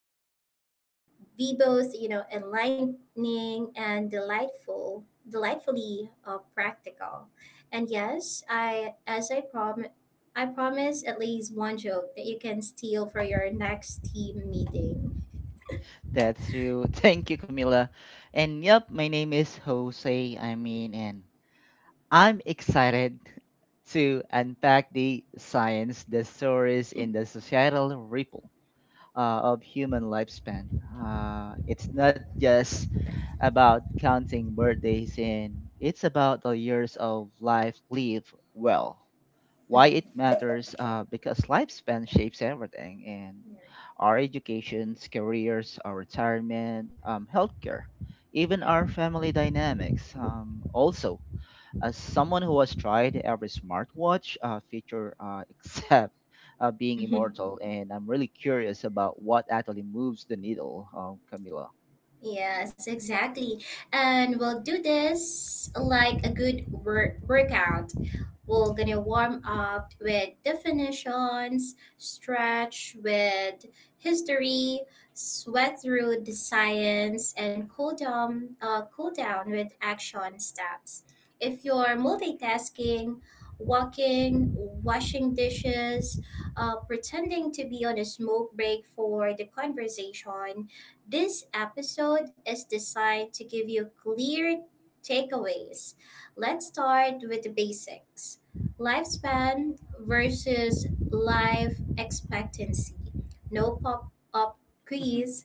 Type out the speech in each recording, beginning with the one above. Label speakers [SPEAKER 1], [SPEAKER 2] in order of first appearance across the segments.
[SPEAKER 1] will be both, enlightening and delightful, delightfully practical. And yes, I promise at least one joke that you can steal for your next team meeting.
[SPEAKER 2] That's true. Thank you, Camila. And yep, my name is Jose. I mean, and I'm excited to unpack the science, the stories, and the societal ripple uh, of human lifespan. It's not just about counting birthdays, and it's about the years of life lived well. Why it
[SPEAKER 1] Mhm.
[SPEAKER 2] matters, because lifespan shapes everything, and our educations, careers, our retirement, healthcare, even our
[SPEAKER 1] Right.
[SPEAKER 2] family dynamics, also as someone who has tried every smartwatch feature except being
[SPEAKER 1] Mhm.
[SPEAKER 2] immortal. And I'm really curious about what actually moves the needle, Camila.
[SPEAKER 1] Yes, exactly. And we'll do this like a good workout. We're gonna warm up with definitions, stretch with history, sweat through the science, and cool down with action steps. If you're multitasking, walking, washing dishes, pretending to be on a smoke break for the conversation, this episode is designed to give you clear takeaways. Let's start with the basics: lifespan versus life expectancy. No pop up
[SPEAKER 2] Mhm.
[SPEAKER 1] quiz,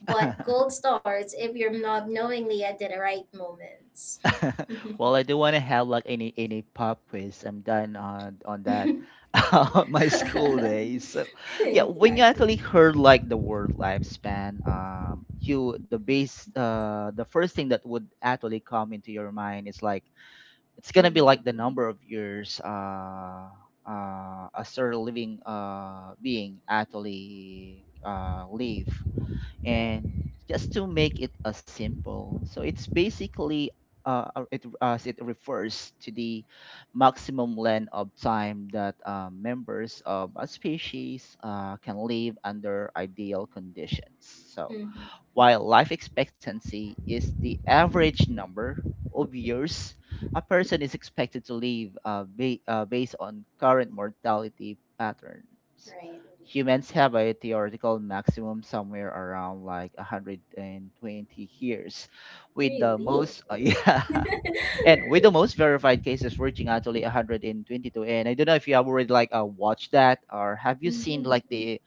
[SPEAKER 1] but gold stars if you're not knowingly at the right moments.
[SPEAKER 2] Well, I do want to have like any pop quiz. I'm done on that on my school days. So yeah, when you actually
[SPEAKER 1] Exactly.
[SPEAKER 2] heard like the word lifespan, you the base the first thing that would actually come into your mind is like it's gonna be like
[SPEAKER 1] Hmm.
[SPEAKER 2] the number of years a certain living being actually live.
[SPEAKER 1] Right.
[SPEAKER 2] And just to make it a simple, so it's basically it as it refers to the maximum length of time that members of a species can live under ideal conditions. So
[SPEAKER 1] Hmm.
[SPEAKER 2] while life expectancy is the average number of years a person is expected to live, based on current mortality patterns,
[SPEAKER 1] Right.
[SPEAKER 2] humans have a theoretical maximum somewhere around like 120 years, with the
[SPEAKER 1] Really?
[SPEAKER 2] most yeah, and with the most verified cases reaching actually 122. And I don't know if you have already like watched that, or have you seen like the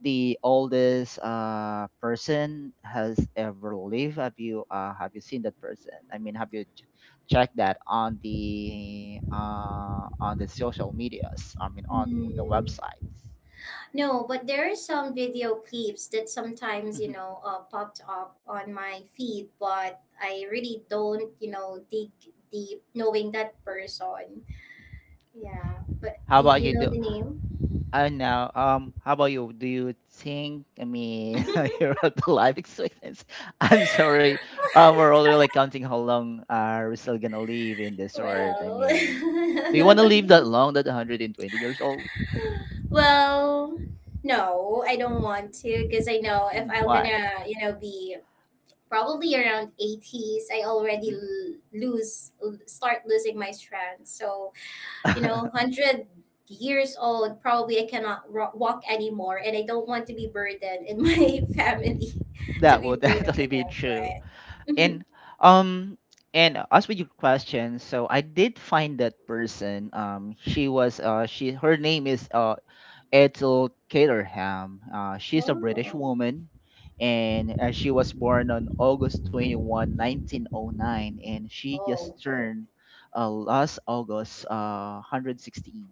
[SPEAKER 2] the oldest person has ever lived? Have you seen that person? I mean, have you checked that on the social medias, I mean on the
[SPEAKER 1] Hmm.
[SPEAKER 2] websites?
[SPEAKER 1] No, but there are some video clips that sometimes, you
[SPEAKER 2] Mhm.
[SPEAKER 1] know, uh, popped up on my feed, but I really don't, dig deep knowing that person. Yeah, but
[SPEAKER 2] how
[SPEAKER 1] did
[SPEAKER 2] about
[SPEAKER 1] you
[SPEAKER 2] you
[SPEAKER 1] know
[SPEAKER 2] do
[SPEAKER 1] the name?
[SPEAKER 2] I know how about you? Do you think, I mean, you're at the life expectancy, I'm sorry, we're already like counting how long are we still gonna live in this earth. I
[SPEAKER 1] Well,
[SPEAKER 2] mean, do you want to live that long, that 120 years old?
[SPEAKER 1] well, no, I don't want to because I know if
[SPEAKER 2] Mm,
[SPEAKER 1] I'm
[SPEAKER 2] why?
[SPEAKER 1] gonna, be probably around 80s, I already
[SPEAKER 2] Mhm.
[SPEAKER 1] start losing my strength. So, 100 years old, probably I cannot walk anymore, and I don't want to be burdened in my family to
[SPEAKER 2] That
[SPEAKER 1] be
[SPEAKER 2] would
[SPEAKER 1] burdened
[SPEAKER 2] definitely
[SPEAKER 1] with
[SPEAKER 2] be
[SPEAKER 1] them,
[SPEAKER 2] true.
[SPEAKER 1] right? Mhm.
[SPEAKER 2] And um as with your question, so I did find that person. She was she her name is Ethel Caterham. Uh, she's a British
[SPEAKER 1] Oh,
[SPEAKER 2] woman, and she was born on August 21, 1909, and she just
[SPEAKER 1] oh,
[SPEAKER 2] turned last August 116.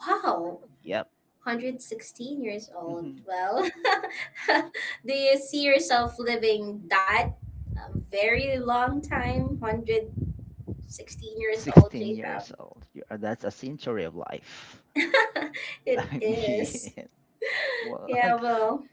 [SPEAKER 1] wow.
[SPEAKER 2] Yep.
[SPEAKER 1] 116 years old,
[SPEAKER 2] Mm-hmm.
[SPEAKER 1] well, do you see yourself living that, a very long time? 116 years old,
[SPEAKER 2] 16
[SPEAKER 1] J Fab.
[SPEAKER 2] years old. You are, that's a century of life.
[SPEAKER 1] It
[SPEAKER 2] I
[SPEAKER 1] is.
[SPEAKER 2] mean,
[SPEAKER 1] Yeah,
[SPEAKER 2] what?
[SPEAKER 1] well,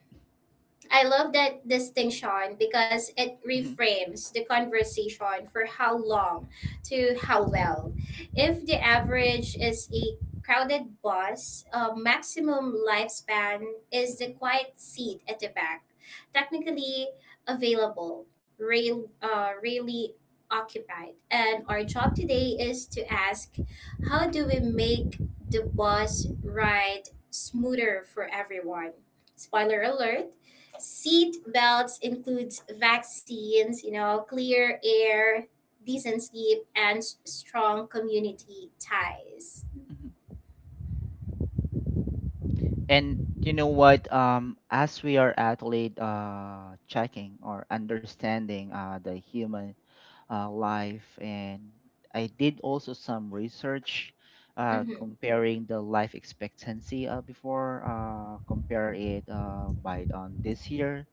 [SPEAKER 1] I love that distinction because it
[SPEAKER 2] Mhm,
[SPEAKER 1] reframes the conversation for how long to how well. If the average is a crowded bus, a maximum lifespan is the
[SPEAKER 2] mhm,
[SPEAKER 1] quiet seat at the back, technically available, really occupied. And our job today is to ask, how do we make the bus ride smoother for everyone? Spoiler alert: seat belts includes vaccines, clear air, decent sleep, and strong community ties.
[SPEAKER 2] mhm. And you know what? As we are athlete checking or understanding the human life, and I did also some research
[SPEAKER 1] Mm-hmm.
[SPEAKER 2] comparing the life expectancy before, compare it by on this year.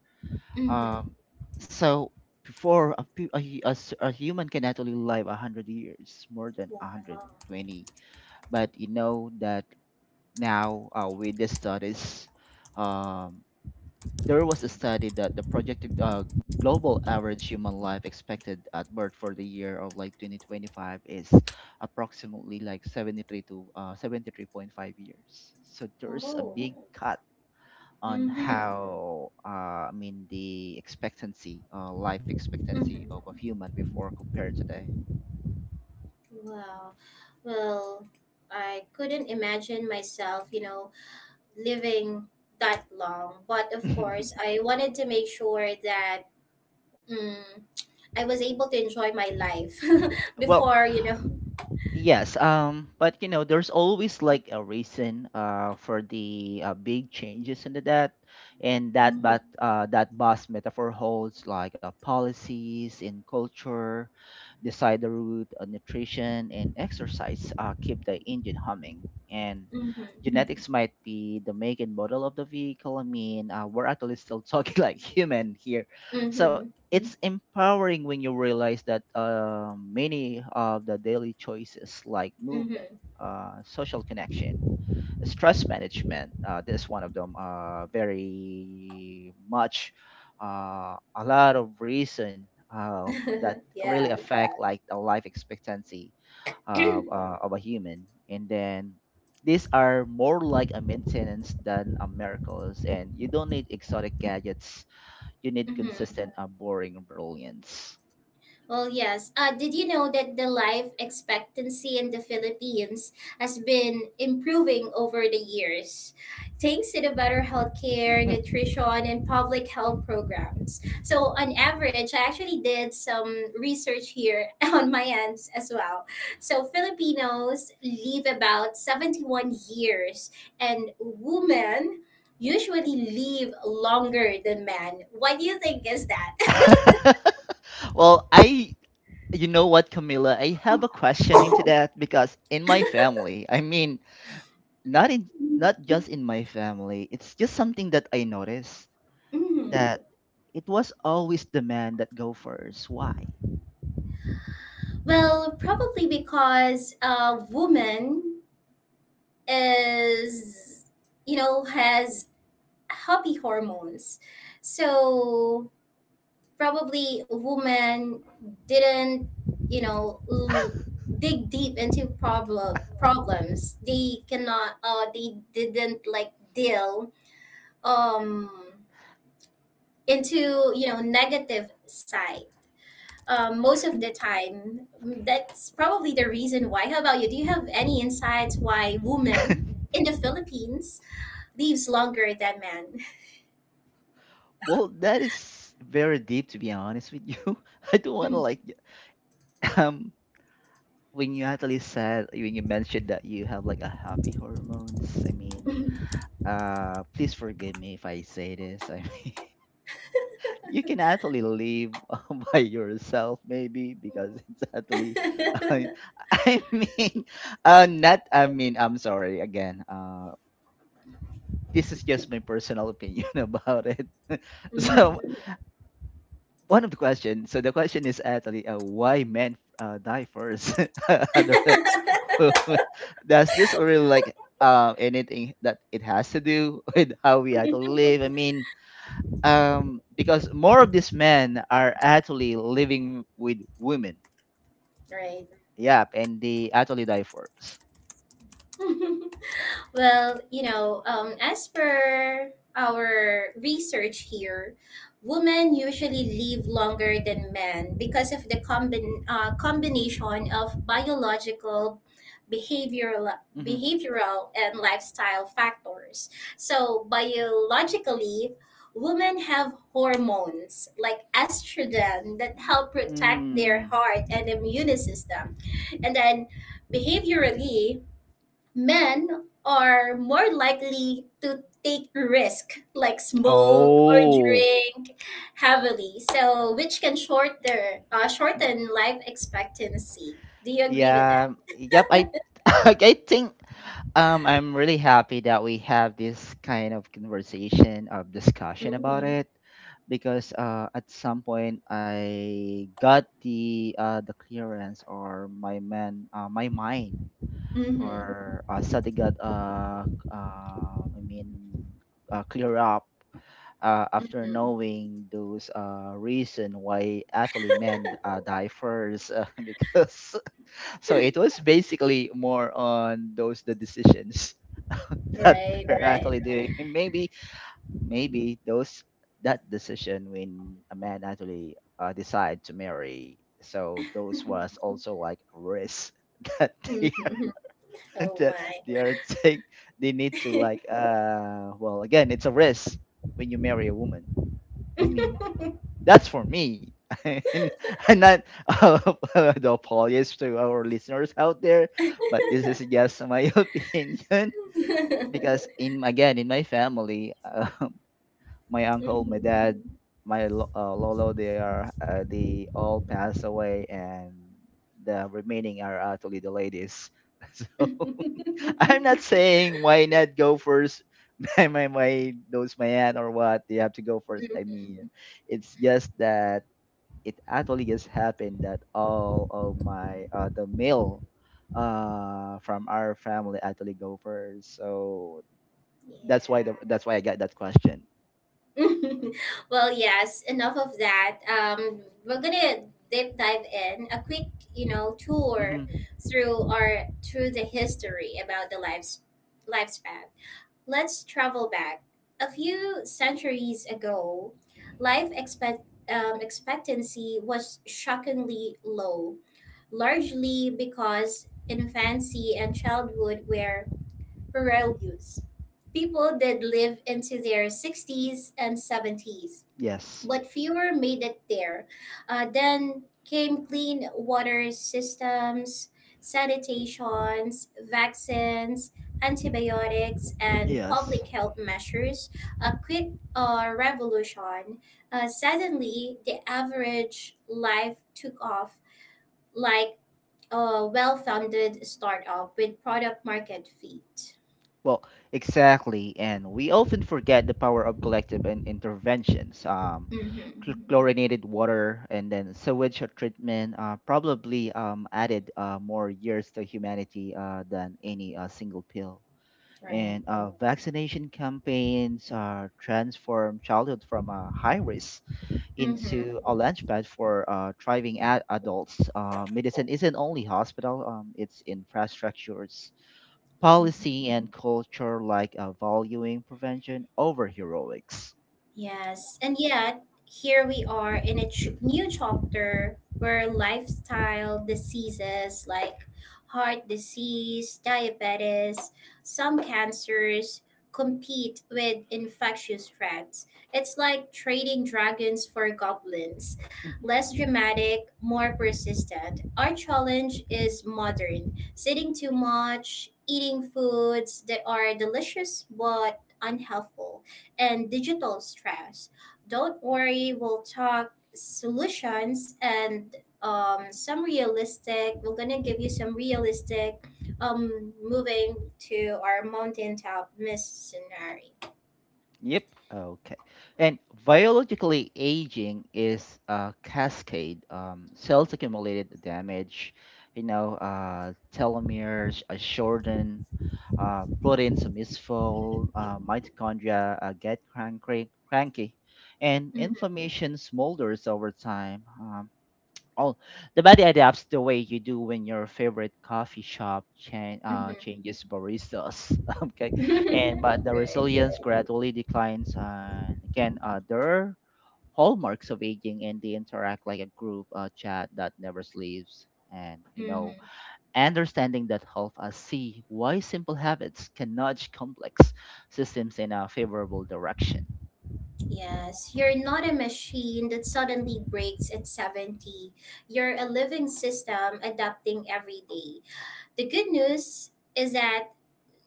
[SPEAKER 1] Mm-hmm.
[SPEAKER 2] Um, so before a, pe- a, hu- a s- a human can actually live 100 years, more than a hundred
[SPEAKER 1] Wow.
[SPEAKER 2] twenty. But you know that now, with the studies, um, there was a study that the projected global average human life expected at birth for the year of like 2025 is approximately like 73 to 73.5 years. So there's a
[SPEAKER 1] Oh.
[SPEAKER 2] big cut on
[SPEAKER 1] Mm-hmm.
[SPEAKER 2] how, I mean the expectancy, life expectancy
[SPEAKER 1] Mm-hmm.
[SPEAKER 2] of a human before compared today.
[SPEAKER 1] Wow. Well, I couldn't imagine myself, living that long. But of course, I wanted to make sure that mm, I was able to enjoy my life
[SPEAKER 2] Well,
[SPEAKER 1] before.
[SPEAKER 2] yes, but you know, there's always like a reason for the big changes in that, debt, and that.
[SPEAKER 1] Mm-hmm.
[SPEAKER 2] But that bus metaphor holds like policies in culture decide the route, nutrition, and exercise keep the engine humming. And
[SPEAKER 1] Mm-hmm.
[SPEAKER 2] genetics might be the make and model of the vehicle. I mean, we're actually still talking like human here. So
[SPEAKER 1] Mm-hmm.
[SPEAKER 2] it's empowering when you realize that, many of the daily choices, like movement, social connection, stress management. This one of them, very much a lot of reason uh, that
[SPEAKER 1] Mm-hmm.
[SPEAKER 2] really
[SPEAKER 1] Yeah.
[SPEAKER 2] affect like the life expectancy
[SPEAKER 1] Mm-hmm.
[SPEAKER 2] of a human. And then these are more like a maintenance than a miracles. And you don't need exotic gadgets. You need consistent, boring brilliance.
[SPEAKER 1] Well, yes. Did you know that the life expectancy in the Philippines has been improving over the years, thanks to the better healthcare, nutrition, and public health programs? So, on average, I actually did some research here on my end as well. So, Filipinos live about 71 years, and women usually live longer than men. What do you think is that?
[SPEAKER 2] Well, I, you know what, Camilla? I have a question into that because in my family, I mean, not in, not just in my family, it's just something that I noticed,
[SPEAKER 1] Mhm.
[SPEAKER 2] that it was always the man that go first. Why?
[SPEAKER 1] Well, probably because a woman is, has happy hormones. So, probably woman didn't, you know, l- dig deep into problems. They cannot. They didn't like deal um into negative side, most of the time. That's probably the reason why. How about you? Do you have any insights why women in the Philippines lives longer than men?
[SPEAKER 2] Well, that is very deep to be honest with you. I don't want to like um when you actually said, when you mentioned that you have like a happy hormones. I mean,
[SPEAKER 1] Mm.
[SPEAKER 2] please forgive me if I say this. I, you can actually live by yourself, maybe because it's actually uh, I mean not I mean I'm sorry again, this is just my personal opinion about it. So
[SPEAKER 1] Mhm.
[SPEAKER 2] one of the questions, so the question is actually, why men die first? Other- does this really like anything that it has to do with how we actually live? I mean, because more of these men are actually living with women,
[SPEAKER 1] Right.
[SPEAKER 2] yep, and they actually divorce.
[SPEAKER 1] Well, as per our research here, women usually live longer than men because of the combination of biological, behavioral,
[SPEAKER 2] Mm-hmm.
[SPEAKER 1] behavioral, and lifestyle factors. So, biologically, women have hormones like estrogen that help protect their
[SPEAKER 2] Mm.
[SPEAKER 1] heart and immune system. And then behaviorally, men are more likely to take risk like smoke or
[SPEAKER 2] Oh.
[SPEAKER 1] drink heavily, so which can shorter shorten life expectancy. Do you agree with that?
[SPEAKER 2] Yeah, yep I I think, I'm really happy that we have this kind of conversation or discussion about
[SPEAKER 1] Mm-hmm.
[SPEAKER 2] it, because at some point I got the, the clearance, or my man, my mind,
[SPEAKER 1] Mm-hmm.
[SPEAKER 2] or, suddenly got, I mean, clear up, after
[SPEAKER 1] Mm-hmm.
[SPEAKER 2] knowing those reason why actually men die first, because so it was basically more on those, the decisions that
[SPEAKER 1] Right,
[SPEAKER 2] were
[SPEAKER 1] right.
[SPEAKER 2] actually doing. And maybe, maybe those, that decision when a man actually, decide to marry, so those was also like a risk that
[SPEAKER 1] Mm-hmm. Oh
[SPEAKER 2] that
[SPEAKER 1] my.
[SPEAKER 2] they are take, they need to like, well, again, it's a risk when you marry a woman. I mean, that's for me. And, not, the apologies to our listeners out there, but this is just my opinion, because in, again, in my family, my uncle, my
[SPEAKER 1] Mhm.
[SPEAKER 2] dad, my lolo, they are, they all passed away, and the remaining are actually the ladies. So I'm not
[SPEAKER 1] Mhm.
[SPEAKER 2] saying why not go first. My, my knows, my aunt, or what, they have to go first. I mean, it's just that it actually just happened that all of my, the male from our family actually go first. So
[SPEAKER 1] Yeah.
[SPEAKER 2] that's why the that's why I got that question.
[SPEAKER 1] Well, yes, enough of that. We're gonna deep dive in a quick, tour
[SPEAKER 2] Hmm.
[SPEAKER 1] through the history about the lives lifespan. Let's travel back a few centuries ago. Life expectancy was shockingly low, largely because infancy and childhood were Purelyus. People did live into their 60s and 70s,
[SPEAKER 2] Yes.
[SPEAKER 1] but fewer made it there. Then came clean water systems, sanitations, vaccines, antibiotics, and
[SPEAKER 2] Yes.
[SPEAKER 1] public health measures. A quick revolution. Suddenly, the average life took off like a well founded startup with product market fit.
[SPEAKER 2] Well, exactly. And we often forget the power of collective interventions.
[SPEAKER 1] Mm-hmm.
[SPEAKER 2] Chlorinated water and then sewage treatment, probably, added, more years to humanity, than any single pill.
[SPEAKER 1] Right.
[SPEAKER 2] And, vaccination campaigns, transform childhood from a high risk
[SPEAKER 1] Mm-hmm.
[SPEAKER 2] into a launchpad for, thriving adults. Medicine isn't only hospital, it's infrastructures, policy, and culture, like, valuing prevention over heroics.
[SPEAKER 1] Yes, and yet here we are in a new chapter where lifestyle diseases like heart disease, diabetes, some cancers compete with infectious threats. It's like trading dragons for goblins.
[SPEAKER 2] Mhm.
[SPEAKER 1] Less dramatic, more persistent. Our challenge is modern, sitting too much, eating foods that are delicious but unhealthful, and digital stress. Don't worry, we'll talk solutions and some realistic. We're gonna give you some realistic, moving to our mountaintop miss scenario.
[SPEAKER 2] Yep. Okay. And biologically, aging is a cascade. Cells accumulated damage, you know, telomeres are shortened, proteins are misfold, mitochondria get cranky, cranky, and
[SPEAKER 1] Mm-hmm,
[SPEAKER 2] inflammation smolders over time. Oh, the body adapts the way you do when your favorite coffee shop
[SPEAKER 1] mm-hmm.
[SPEAKER 2] changes baristas. Okay, and but the
[SPEAKER 1] Right.
[SPEAKER 2] resilience gradually declines. And again, there are hallmarks of aging, and they interact like a group chat that never sleeps. And you
[SPEAKER 1] Mm-hmm.
[SPEAKER 2] know, understanding that help us see why simple habits can nudge complex systems in a favorable direction.
[SPEAKER 1] Yes, you're not a machine that suddenly breaks at 70. You're a living system adapting every day. The good news is that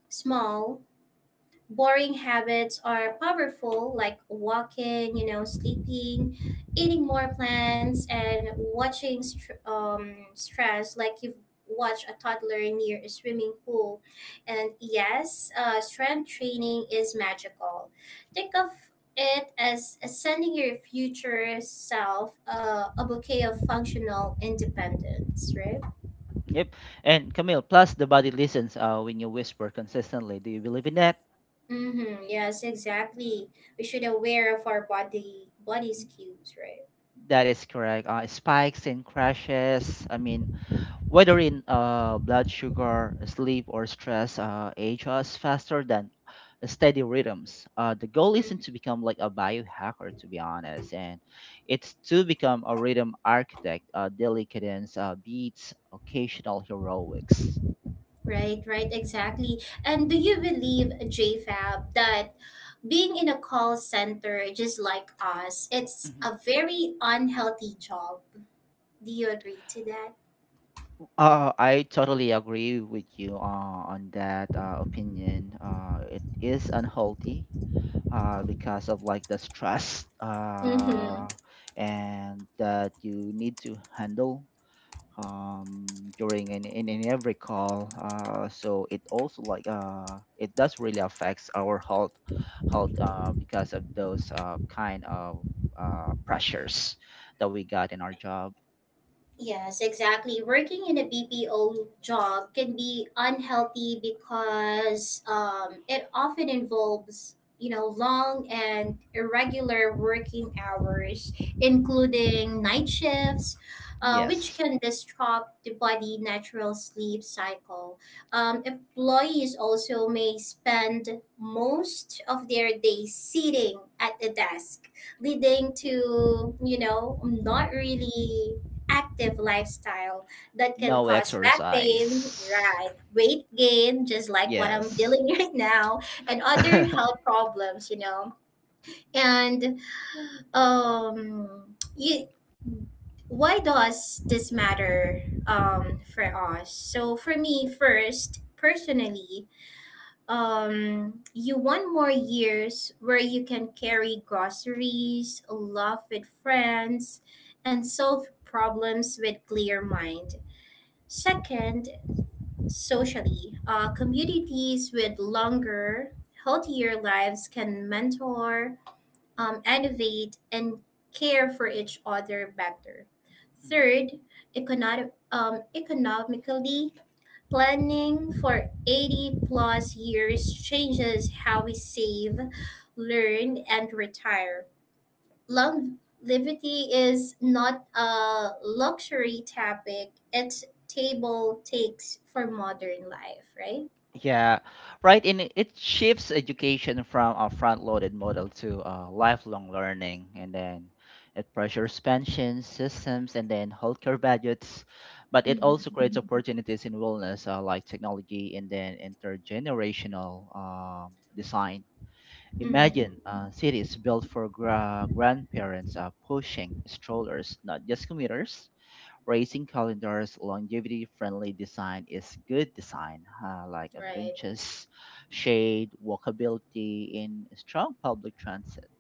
[SPEAKER 1] small, boring habits are powerful, like walking, sleeping, eating more plants, and watching stress like you've watched a toddler near a swimming pool. And yes, strength training is magical. Think of it as sending your future self a bouquet of functional independence, right?
[SPEAKER 2] Yep. And Camille, plus the body listens, when you whisper consistently. Do you believe in that?
[SPEAKER 1] Mm-hmm, yes, exactly. We should aware of our body's cues, right?
[SPEAKER 2] That is correct. Spikes and crashes. I mean, whether in, blood sugar, sleep, or stress, age us faster than steady rhythms. The goal isn't
[SPEAKER 1] Mhm.
[SPEAKER 2] to become like a biohacker, to be honest, and it's to become a rhythm architect, daily cadence, beats, occasional heroics.
[SPEAKER 1] Right, right, exactly. And do you believe, JFab, that being in a call center just like us, it's
[SPEAKER 2] Mhm.
[SPEAKER 1] a very unhealthy job? Do you agree to that?
[SPEAKER 2] I totally agree with you, on that, opinion. It is unhealthy, because of like the stress,
[SPEAKER 1] Mm-hmm.
[SPEAKER 2] and that you need to handle, during in every call. So it also like, it does really affects our health, because of those kind of, pressures that we got in our job.
[SPEAKER 1] Yes, exactly. Working in a BPO job can be unhealthy because it often involves, long and irregular working hours, including night shifts, which
[SPEAKER 2] Yes,
[SPEAKER 1] can disrupt the body natural sleep cycle. Employees also may spend most of their day sitting at the desk, leading to, not really active lifestyle that can
[SPEAKER 2] no
[SPEAKER 1] cause back pain,
[SPEAKER 2] exercise.
[SPEAKER 1] right? Weight gain, just like what I'm
[SPEAKER 2] Yes.
[SPEAKER 1] dealing right now, and other
[SPEAKER 2] Mhm.
[SPEAKER 1] health problems. And um, you, why does this matter for us? So for me, first, personally, you want more years where you can carry groceries, laugh with friends, and solve problems with clear mind. Second, socially, communities with longer, healthier lives can mentor, innovate, and care for each other better. Third, economically, planning for 80 plus years changes how we save, learn, and retire. Longevity is not a luxury topic, it's table takes for modern life, right?
[SPEAKER 2] Yeah, right. And it shifts education from a front-loaded model to, lifelong learning, and then it pressures pensions systems and then healthcare budgets, but it also
[SPEAKER 1] Mm-hmm.
[SPEAKER 2] creates, mhm, opportunities in wellness, like technology and then intergenerational, design.
[SPEAKER 1] Mm-hmm.
[SPEAKER 2] Imagine, cities built for grandparents, pushing strollers, not just commuters. Racing calendars, longevity-friendly design is good design, like a
[SPEAKER 1] Right,
[SPEAKER 2] benches, shade, walkability, in strong public transit.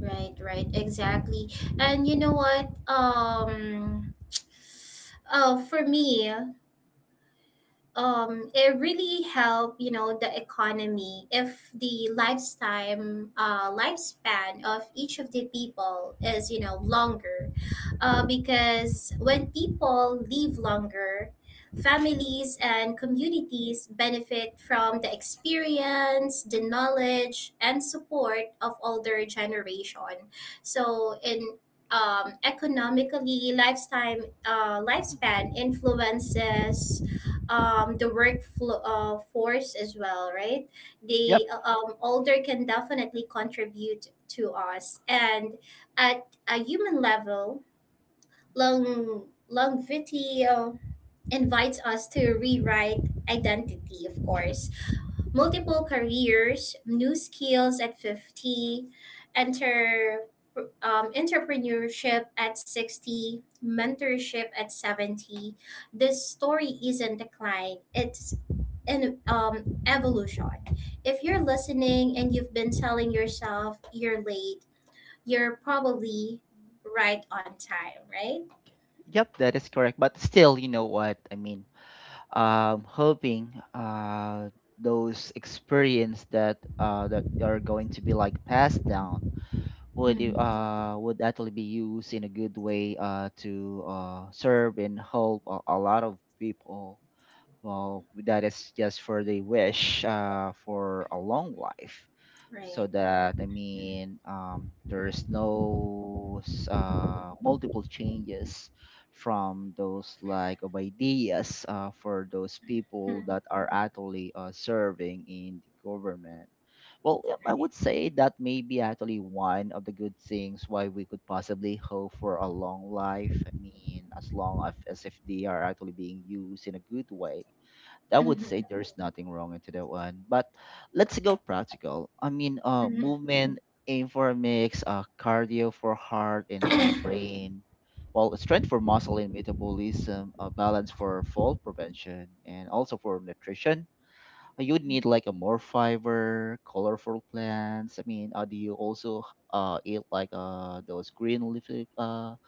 [SPEAKER 1] right, right, exactly. And you know what, for me, it really help the economy if the lifetime lifespan of each of the people is longer, because when people live longer, families and communities benefit from the experience, the knowledge, and support of older generation. So, in economically, lifetime
[SPEAKER 2] Mhm.
[SPEAKER 1] lifespan influences the workflow force as well, right? The
[SPEAKER 2] Yep.
[SPEAKER 1] older can definitely contribute to us, and at a human level, longevity invites us to rewrite identity, of course.
[SPEAKER 2] Mhm.
[SPEAKER 1] Multiple careers, new skills at 50, enter entrepreneurship at 60, mentorship at 70. This story isn't decline, it's an evolution. If you're listening and you've been telling yourself you're late, you're probably right on time, right?
[SPEAKER 2] Yep, that is correct. But still, you know what I mean. Hoping those experience that are going to be like passed down would i-
[SPEAKER 1] Mm-hmm.
[SPEAKER 2] uh would actually be used in a good way to serve and help a lot of people. Well, that is just for the wish for a long life, so
[SPEAKER 1] Right.
[SPEAKER 2] that I mean there's no multiple changes from those like of ideas for those people
[SPEAKER 1] Hmm.
[SPEAKER 2] that are actually serving in the government. Well, yeah, I
[SPEAKER 1] Right.
[SPEAKER 2] would say that may be actually one of the good things why we could possibly hope for a long life. I mean, as long as if they are actually being used in a good way, I would
[SPEAKER 1] Mm-hmm.
[SPEAKER 2] say there's nothing wrong into that one. But let's go practical. I mean,
[SPEAKER 1] Mm-hmm.
[SPEAKER 2] movement, aim for a mix, cardio for heart and brain. Well, strength for muscle and metabolism, balance for fall prevention, and also for nutrition. You'd need like a more fiber, colorful plants. I mean, do you also eat like those green leafy uh,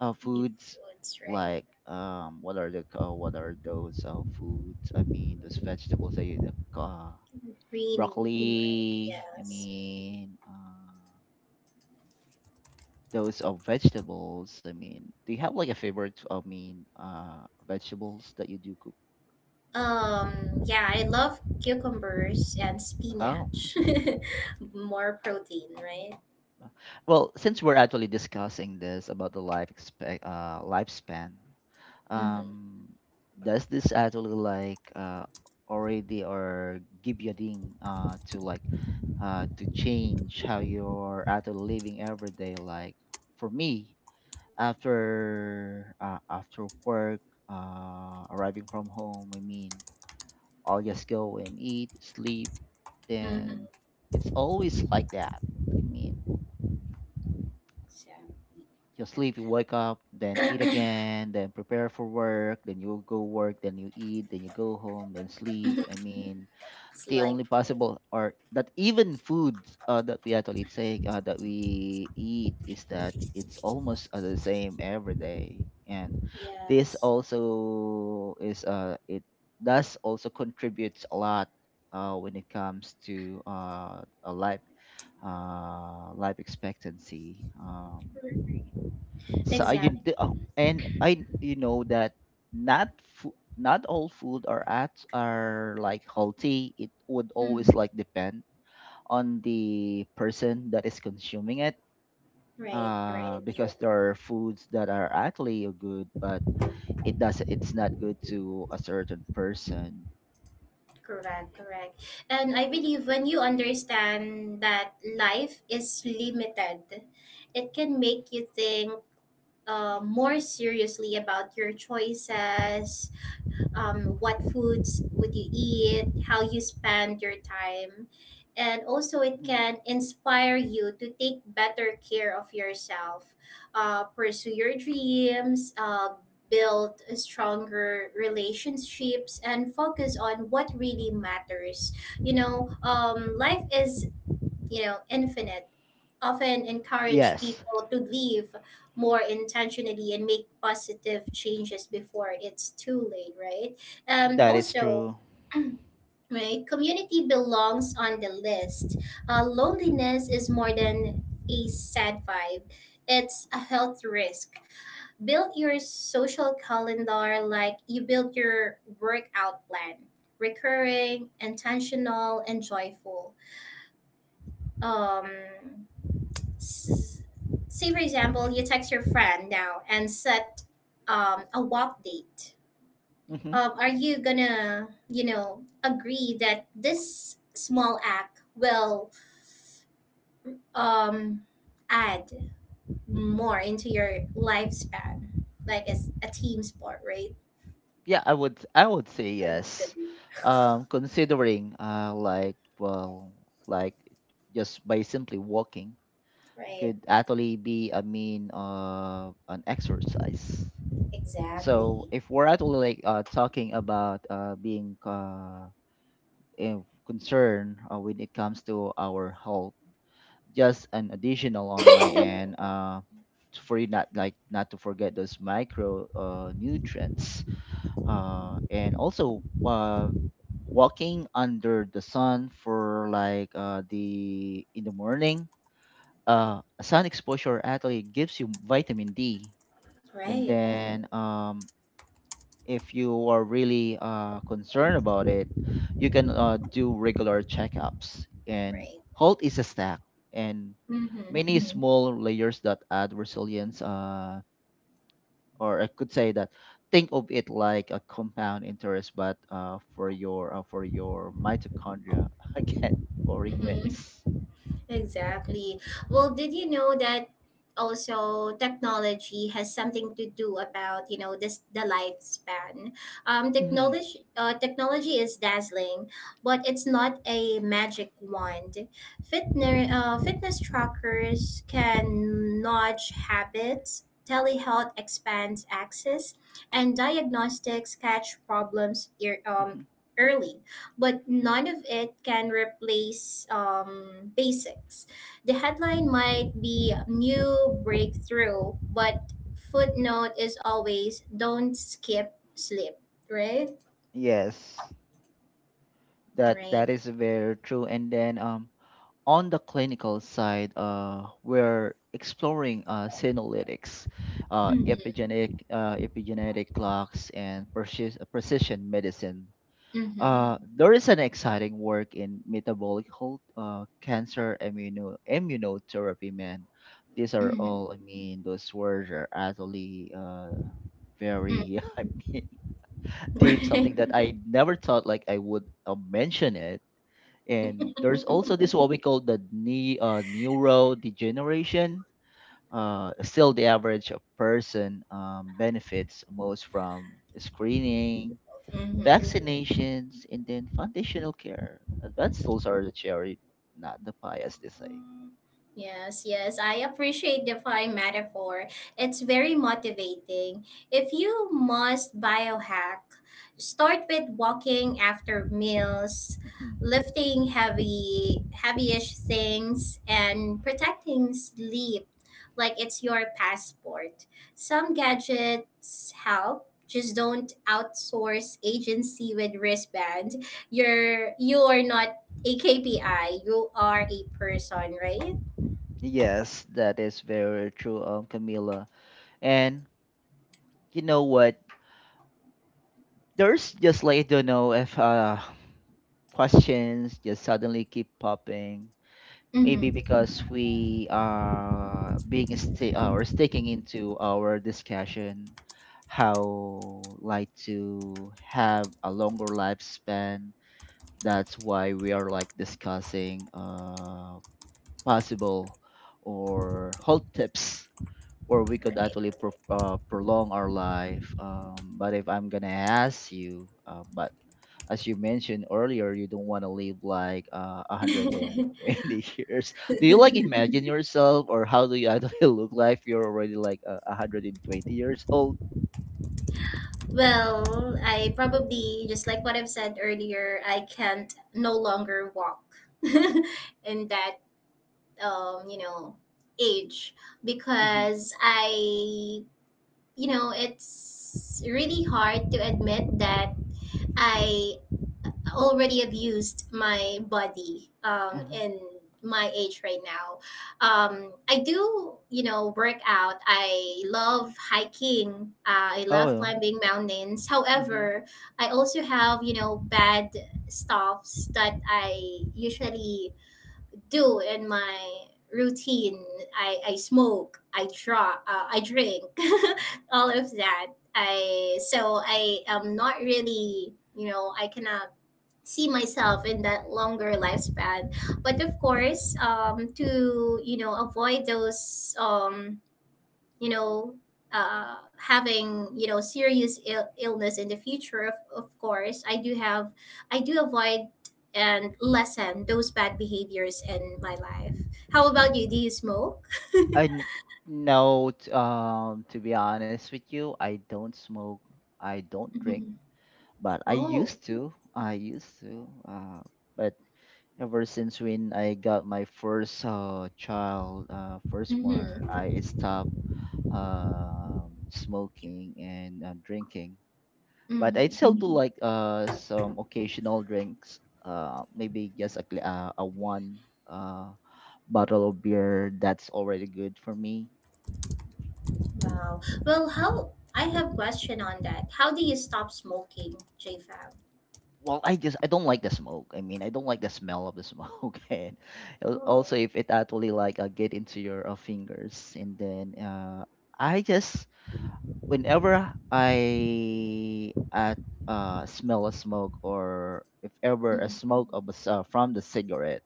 [SPEAKER 2] uh, foods
[SPEAKER 1] Seafoods, right?
[SPEAKER 2] like what are the what are those foods? I mean, those vegetables that you uh,
[SPEAKER 1] Green, right?
[SPEAKER 2] broccoli? I
[SPEAKER 1] Yes.
[SPEAKER 2] mean those vegetables, I mean, do you have like a favorite, I mean vegetables that you do cook?
[SPEAKER 1] Yeah, I love cucumbers and
[SPEAKER 2] Oh.
[SPEAKER 1] spinach. More protein, right?
[SPEAKER 2] Well, since we're actually discussing this about the lifespan,
[SPEAKER 1] Mm-hmm.
[SPEAKER 2] um does this actually like already or give you a ding to like to change how you're actually living every day? Like for me, after work, arriving from home, I mean, I'll just go and eat, sleep,
[SPEAKER 1] Mm-hmm.
[SPEAKER 2] then it's always like that. I mean,
[SPEAKER 1] So
[SPEAKER 2] you sleep, you wake up, then eat again, then prepare for work, then you go work, then you eat, then you go home, then sleep. I mean,
[SPEAKER 1] it's
[SPEAKER 2] the only
[SPEAKER 1] like
[SPEAKER 2] possible or that even food that we eat is that it's almost the same every day, and this
[SPEAKER 1] yes.
[SPEAKER 2] also is it does also contributes a lot when it comes to a life expectancy. So
[SPEAKER 1] Exactly.
[SPEAKER 2] I you know that not all food are at are like healthy. It would always
[SPEAKER 1] Mm-hmm.
[SPEAKER 2] like depend on the person that is consuming it.
[SPEAKER 1] Right, right.
[SPEAKER 2] Because there are foods that are actually good, but it's not good to a certain person.
[SPEAKER 1] Correct, correct. And I believe when you understand that life is limited, it can make you think more seriously about your choices, what foods would you eat, how you spend your time, and also it
[SPEAKER 2] Mhm.
[SPEAKER 1] can inspire you to take better care of yourself, pursue your dreams, build stronger relationships, and focus on what really matters. You know, life is infinite, often encourage
[SPEAKER 2] Yes,
[SPEAKER 1] people to live more intentionally and make positive changes before it's too late, right? Um,
[SPEAKER 2] that is
[SPEAKER 1] also,
[SPEAKER 2] true.
[SPEAKER 1] right, community belongs on the list. Loneliness is more than a sad vibe. It's a health risk. Build your social calendar like you build your workout plan. Recurring, intentional, and joyful. Um, S- say for example you text your friend now and set a walk date,
[SPEAKER 2] Mhm.
[SPEAKER 1] are you gonna agree that this small act will um, add more into your lifespan like as a team sport, right?
[SPEAKER 2] Yeah, I would say yes. Considering like well like just by simply walking
[SPEAKER 1] Right,
[SPEAKER 2] could actually be, I mean, an exercise.
[SPEAKER 1] exactly.
[SPEAKER 2] So if we're actually like talking about being concerned when it comes to our health, just an additional on my end for you not like not to forget those micro nutrients and also walking under the sun for like the in the morning sun exposure actually gives you vitamin D. And
[SPEAKER 1] Right,
[SPEAKER 2] then if you are really concerned about it, you can do regular checkups, and
[SPEAKER 1] right.
[SPEAKER 2] halt is a stack and
[SPEAKER 1] Mm-hmm.
[SPEAKER 2] many small layers that add resilience, or I could say that, think of it like a compound interest, but for your mitochondria. Again, boring
[SPEAKER 1] Mm-hmm.
[SPEAKER 2] wins.
[SPEAKER 1] Exactly. Well, did you know that also technology has something to do about this the lifespan. um
[SPEAKER 2] Mhm,
[SPEAKER 1] technology uh, technology is dazzling, but it's not a magic wand. Fitness trackers can nudge habits, telehealth expands access, and diagnostics catch problems ear um,
[SPEAKER 2] mhm.
[SPEAKER 1] early But none of it can replace basics. The headline might be new breakthrough, but footnote is always don't skip slip, right?
[SPEAKER 2] Yes, that
[SPEAKER 1] Right.
[SPEAKER 2] that is very true. And then on the clinical side, we're exploring senolytics,
[SPEAKER 1] Mm-hmm.
[SPEAKER 2] epigenetic clocks, and precision medicine.
[SPEAKER 1] Mm-hmm.
[SPEAKER 2] There is an exciting work in metabolic, cancer immunotherapy, man. These are
[SPEAKER 1] Mm-hmm.
[SPEAKER 2] all, I mean, those words are actually very, I mean, deep,
[SPEAKER 1] Right.
[SPEAKER 2] something that I never thought like I would mention it. And there's also this what we call the neurodegeneration. Still, the average person benefits most from screening,
[SPEAKER 1] Mm-hmm.
[SPEAKER 2] vaccinations, and then foundational care. Advanced tools are the cherry, not the pie, as they say.
[SPEAKER 1] Mhm. Yes, yes, I appreciate the pie metaphor. It's very motivating. If you must biohack, start with walking after meals,
[SPEAKER 2] Mhm.
[SPEAKER 1] lifting heavy, heavyish things, and protecting sleep like it's your passport. Some gadgets help. Just don't outsource agency with wristband. You're not AKPI, you are a person, right?
[SPEAKER 2] Yes, that is very true, Camila. And you know what? There's just like I don't know if questions just suddenly keep popping. Maybe
[SPEAKER 1] Mm-hmm.
[SPEAKER 2] because we are being sti- or sticking into our discussion how like to have a longer lifespan, that's why we are like discussing possible or health tips or we could actually prolong our life. But if I'm gonna ask you but as you mentioned earlier, you don't want to live like
[SPEAKER 1] Right.
[SPEAKER 2] 120 years. Do you like imagine yourself or how do you actually look like if you're already like 120 years old?
[SPEAKER 1] Well, I probably just like what I've said earlier, I can't no longer walk in that you know, age
[SPEAKER 2] Mhm.
[SPEAKER 1] because I you know, it's really hard to admit that I already abused my body
[SPEAKER 2] Mhm.
[SPEAKER 1] in my age right now. I do, you know, work out. I love hiking, I love
[SPEAKER 2] Oh
[SPEAKER 1] climbing mountains. However,
[SPEAKER 2] no.
[SPEAKER 1] I also have, you know, bad stuffs that I usually do in my routine. I smoke, I draw, I drink, all of that. I so I am not really, you know, I cannot see myself in that longer lifespan. But of course, to, you know, avoid those, you know having, you know, serious illness in the future, of course I do have, I do avoid and lessen those bad behaviors in my life. How about you? Do you smoke?
[SPEAKER 2] I n- no, to be honest with you, I don't smoke, I don't drink,
[SPEAKER 1] Mhm.
[SPEAKER 2] but
[SPEAKER 1] Oh.
[SPEAKER 2] I used to, but ever since when I got my first child, firstborn,
[SPEAKER 1] Mm-hmm.
[SPEAKER 2] I stopped smoking and drinking. But I
[SPEAKER 1] Mm-hmm.
[SPEAKER 2] still do Mm. like some occasional drinks, maybe just a a one uh bottle of beer, that's already good for me.
[SPEAKER 1] Wow. Well, how, I have question on that. How do you stop smoking, J Fab?
[SPEAKER 2] Well, I just I don't like the smoke. I mean, I don't like the smell of the smoke, and
[SPEAKER 1] Oh.
[SPEAKER 2] also if it actually like get into your fingers, and then I just whenever I smell a smoke or if ever a
[SPEAKER 1] Mm,
[SPEAKER 2] smoke of a from the cigarette,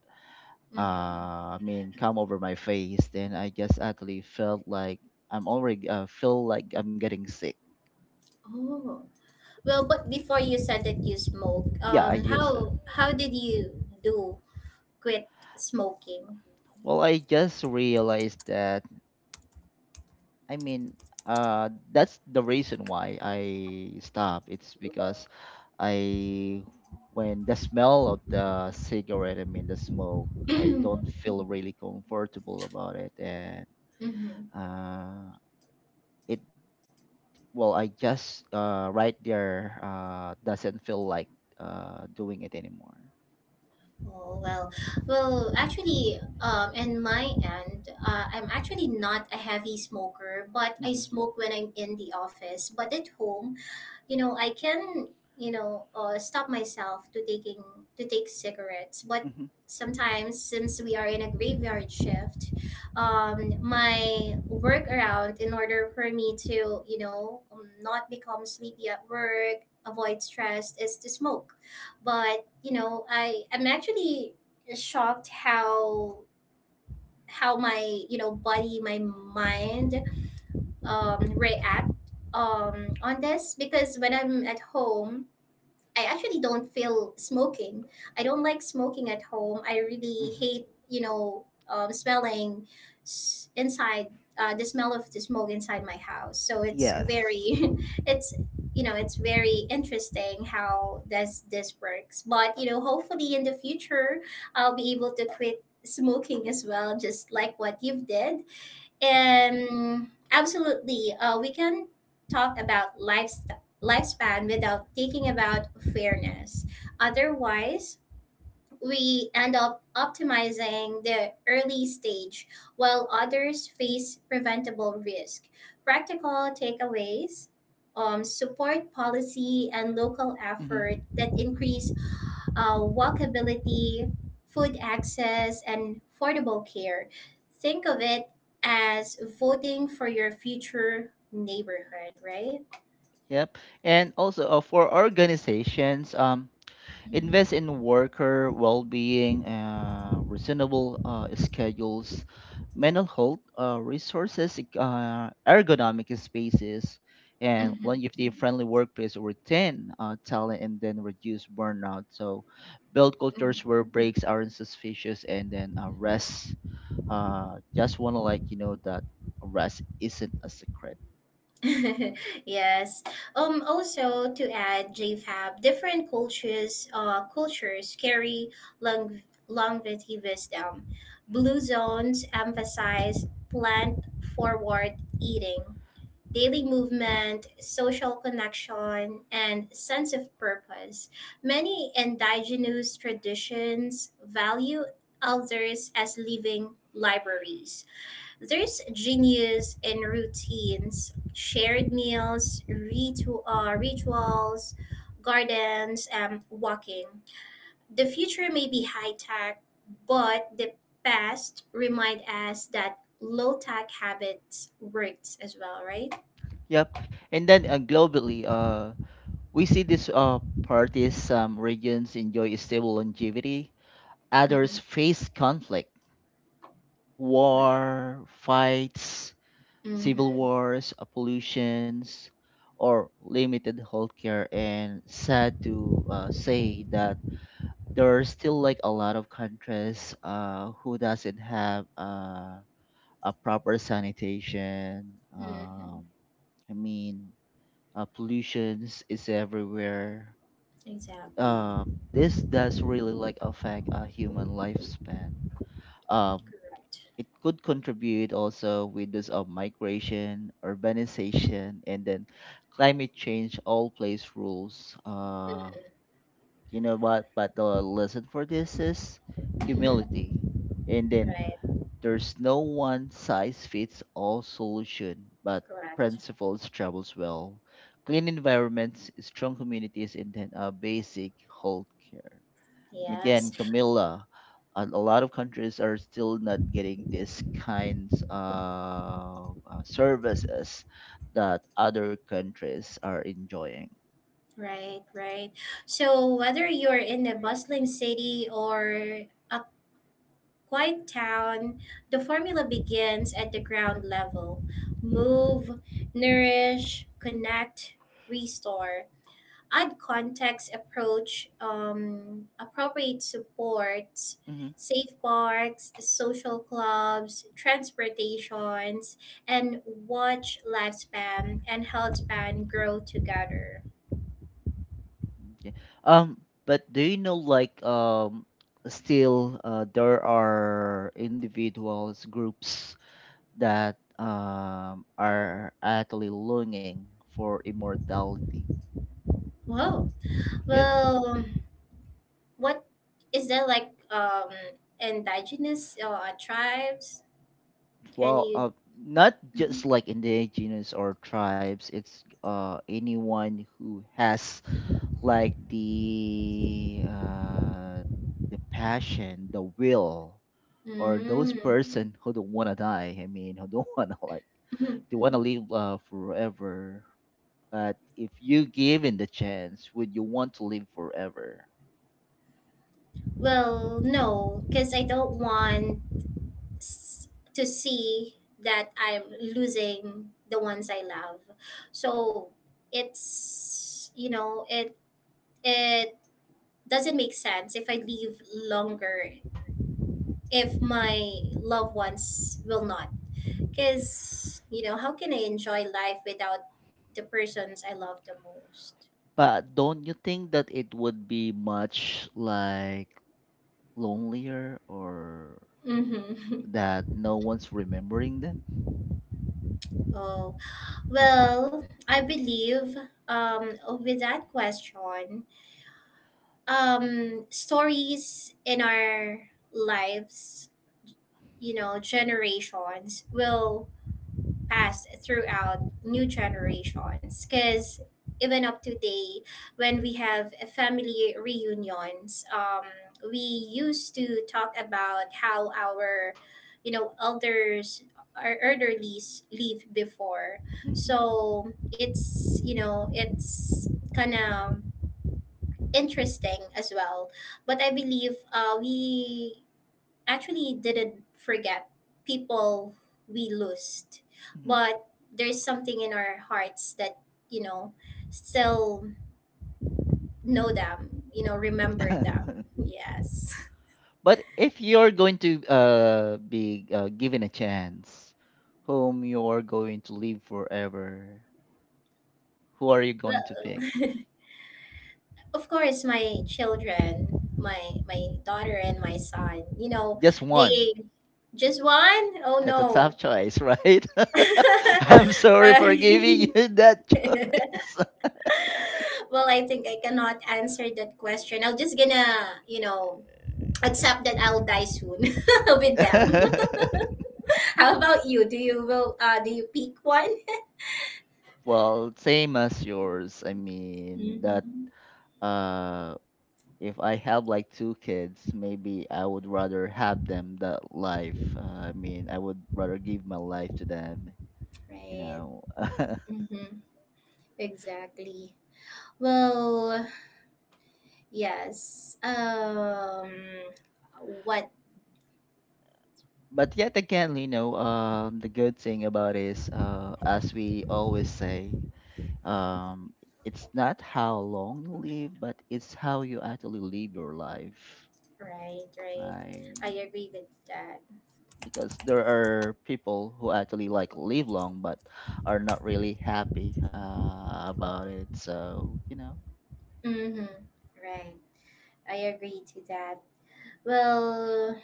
[SPEAKER 1] mhm.
[SPEAKER 2] I mean, come over my face, then I just actually felt like I'm already feel like I'm getting sick.
[SPEAKER 1] Oh, well, but before you said that you smoke,
[SPEAKER 2] Yeah, I used to.
[SPEAKER 1] how did you do quit smoking?
[SPEAKER 2] Well, I just realized that, I mean, that's the reason why I stopped. It's because I, when the smell of the cigarette, I mean the smoke, I don't feel really comfortable about it, and
[SPEAKER 1] Mm-hmm.
[SPEAKER 2] uh, it. Well, I just right there doesn't feel like doing it anymore.
[SPEAKER 1] Oh well, well, actually, in my end, I'm actually not a heavy smoker, but I
[SPEAKER 2] Hmm.
[SPEAKER 1] smoke when I'm in the office. But at home, you know, I can, you know, stop myself to taking to take cigarettes, but
[SPEAKER 2] Hmm.
[SPEAKER 1] sometimes since we are in a graveyard shift, my workaround in order for me to, you know, not become sleepy at work, avoid stress is to smoke. But you know, I'm actually shocked how my, you know, body, my mind, react on this because when I'm at home, I actually don't feel smoking. I don't like smoking at home. I really
[SPEAKER 2] Hmm.
[SPEAKER 1] hate, you know, smelling inside, the smell of the smoke inside my house. So it's
[SPEAKER 2] Yes.
[SPEAKER 1] very, it's, you know, it's very interesting how this works. But you know, hopefully in the future, I'll be able to quit smoking as well, just like what you've did.
[SPEAKER 2] Hmm.
[SPEAKER 1] Absolutely. We can talk about lifestyle lifespan without thinking about fairness. Otherwise, we end up optimizing the early stage while others face preventable risk. Practical takeaways, support policy and local
[SPEAKER 2] Hmm.
[SPEAKER 1] effort that increase walkability, food access, and affordable care. Think of it as voting for your future neighborhood, right?
[SPEAKER 2] Yep. And also for organizations, invest in worker well-being, reasonable schedules, mental health resources, ergonomic spaces, and
[SPEAKER 1] Mm-hmm.
[SPEAKER 2] longevity-friendly workplace to retain talent and then reduce burnout. So, build cultures
[SPEAKER 1] Mm-hmm.
[SPEAKER 2] where breaks aren't suspicious, and then rest. Just want to like you know that rest isn't a secret.
[SPEAKER 1] Yes. Also, to add, J. Fab., different cultures, cultures carry long longevity wisdom. Blue zones emphasize plant forward eating, daily movement, social connection, and sense of purpose. Many indigenous traditions value elders as living libraries. There's genius in routines, shared meals, rituals, gardens, walking. The future may be high tech, but the past remind us that low tech habits works as well, right?
[SPEAKER 2] Yep. And then globally, we see these parties, some regions enjoy stable longevity, others
[SPEAKER 1] Mm-hmm.
[SPEAKER 2] face conflict,
[SPEAKER 1] Right.
[SPEAKER 2] war, fights,
[SPEAKER 1] Mm-hmm.
[SPEAKER 2] civil wars, pollutions, or limited healthcare. And sad to say that there are still like a lot of countries who doesn't have a proper sanitation.
[SPEAKER 1] Mm-hmm.
[SPEAKER 2] I mean, pollutions is everywhere,
[SPEAKER 1] Exactly.
[SPEAKER 2] this does really like affect a human lifespan. Um,
[SPEAKER 1] Correct.
[SPEAKER 2] it could contribute also with this of migration, urbanization, and then climate change. All plays rules. You know what? But the lesson for this is
[SPEAKER 1] Mm-hmm.
[SPEAKER 2] humility. And then
[SPEAKER 1] Right.
[SPEAKER 2] there's no one size fits all solution, but
[SPEAKER 1] Correct.
[SPEAKER 2] principles travels well. Clean environments, strong communities, and then a basic health care. And
[SPEAKER 1] Yes.
[SPEAKER 2] again, Camilla, a lot of countries are still not getting these kinds of services that other countries are enjoying.
[SPEAKER 1] Right, right. So whether you're in a bustling city or a quiet town, the formula begins at the ground level. Move, nourish, connect, restore. Add context, approach, appropriate supports,
[SPEAKER 2] Hmm.
[SPEAKER 1] safe parks, social clubs, transportations, and watch lifespan and health span grow together.
[SPEAKER 2] Okay. But do you know like still there are individuals groups that are actually longing for immortality?
[SPEAKER 1] Whoa.
[SPEAKER 2] Yeah.
[SPEAKER 1] Well, what is there like indigenous tribes? Can
[SPEAKER 2] Well,
[SPEAKER 1] you?
[SPEAKER 2] not
[SPEAKER 1] Mm.
[SPEAKER 2] just like indigenous or tribes. It's anyone who has like the passion, the will, or those
[SPEAKER 1] Mhm.
[SPEAKER 2] Mm. person who don't wanna die. I mean, who don't wanna like
[SPEAKER 1] Mm.
[SPEAKER 2] they wanna live forever. But if you given the chance, would you want to live forever?
[SPEAKER 1] Well, no, because I don't want s- to see that I'm losing the ones I love. So it's you know it it doesn't make sense if I leave longer if my loved ones will not. Because, you know, how can I enjoy life without the persons I love the most?
[SPEAKER 2] But don't you think that it would be much like lonelier or
[SPEAKER 1] Mm-hmm.
[SPEAKER 2] that no one's remembering them?
[SPEAKER 1] Oh, well, I believe um, with that question, stories in our lives, you know, generations will passed throughout new generations because even up to today when we have a family reunions, we used to talk about how our, you know, elders, our elderlies lived before.
[SPEAKER 2] Hmm.
[SPEAKER 1] So it's, you know, it's kind of interesting as well. But I believe, we actually didn't forget people we lost.
[SPEAKER 2] Hmm.
[SPEAKER 1] But there's something in our hearts that, you know, still know them, you know, remember them, yes.
[SPEAKER 2] But if you're going to be given a chance, whom you're going to live forever, who are you going to pick?
[SPEAKER 1] Well, of course my children, my daughter and my son, you know,
[SPEAKER 2] Just one.
[SPEAKER 1] they just one. Oh
[SPEAKER 2] That's a tough
[SPEAKER 1] no.
[SPEAKER 2] choice, right? I'm sorry for giving
[SPEAKER 1] Uh,
[SPEAKER 2] you that choice.
[SPEAKER 1] well, I think I cannot answer that question. I'm just gonna, you know, except that I'll die soon with them. How about you? Do you will do you pick one?
[SPEAKER 2] Well, same as yours. I mean that
[SPEAKER 1] Mm-hmm.
[SPEAKER 2] uh if I have like 2 kids, maybe I would rather have them that life. I mean, I would rather give my life to them, you
[SPEAKER 1] Right.
[SPEAKER 2] know.
[SPEAKER 1] Mm-hmm. Exactly. Well, yes. Um, what,
[SPEAKER 2] But yet again, you know, the good thing about is, as we always say, um, it's not how long you live, but it's how you actually live your life,
[SPEAKER 1] right, right.
[SPEAKER 2] right?
[SPEAKER 1] I agree with that.
[SPEAKER 2] Because there are people who actually like live long, but are not really happy about it. So you know,
[SPEAKER 1] Mm-hmm. Right. I agree to that. Well,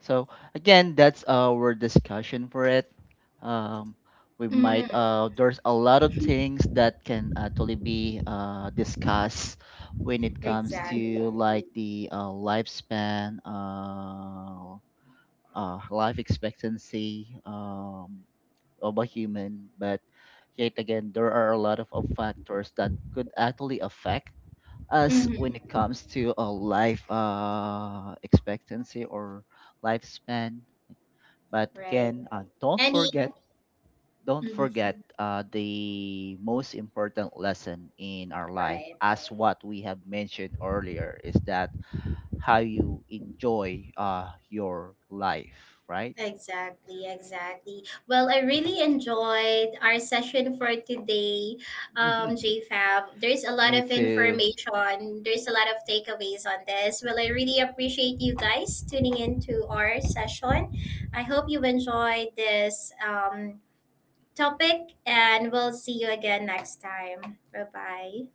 [SPEAKER 2] so again, that's our discussion for it. Um, we might
[SPEAKER 1] mm,
[SPEAKER 2] there's a lot of things that can actually be discussed when it comes
[SPEAKER 1] exactly.
[SPEAKER 2] to like Exactly. the lifespan, life expectancy, of a human. But yet again, there are a lot of factors that could actually affect us
[SPEAKER 1] Mm-hmm.
[SPEAKER 2] when it comes to a life expectancy or lifespan. But
[SPEAKER 1] Right.
[SPEAKER 2] again,
[SPEAKER 1] Any
[SPEAKER 2] don't
[SPEAKER 1] mm-hmm.
[SPEAKER 2] forget the most important lesson in our life,
[SPEAKER 1] Right.
[SPEAKER 2] as what we have mentioned earlier, is that how you enjoy your life, right?
[SPEAKER 1] Exactly, exactly. Well, I really enjoyed our session for today, JFab. There's a lot
[SPEAKER 2] Me
[SPEAKER 1] of
[SPEAKER 2] too.
[SPEAKER 1] information, there's a lot of takeaways on this. Well, I really appreciate you guys tuning into our session. I hope you enjoyed this, topic, and we'll see you again next time. Bye bye.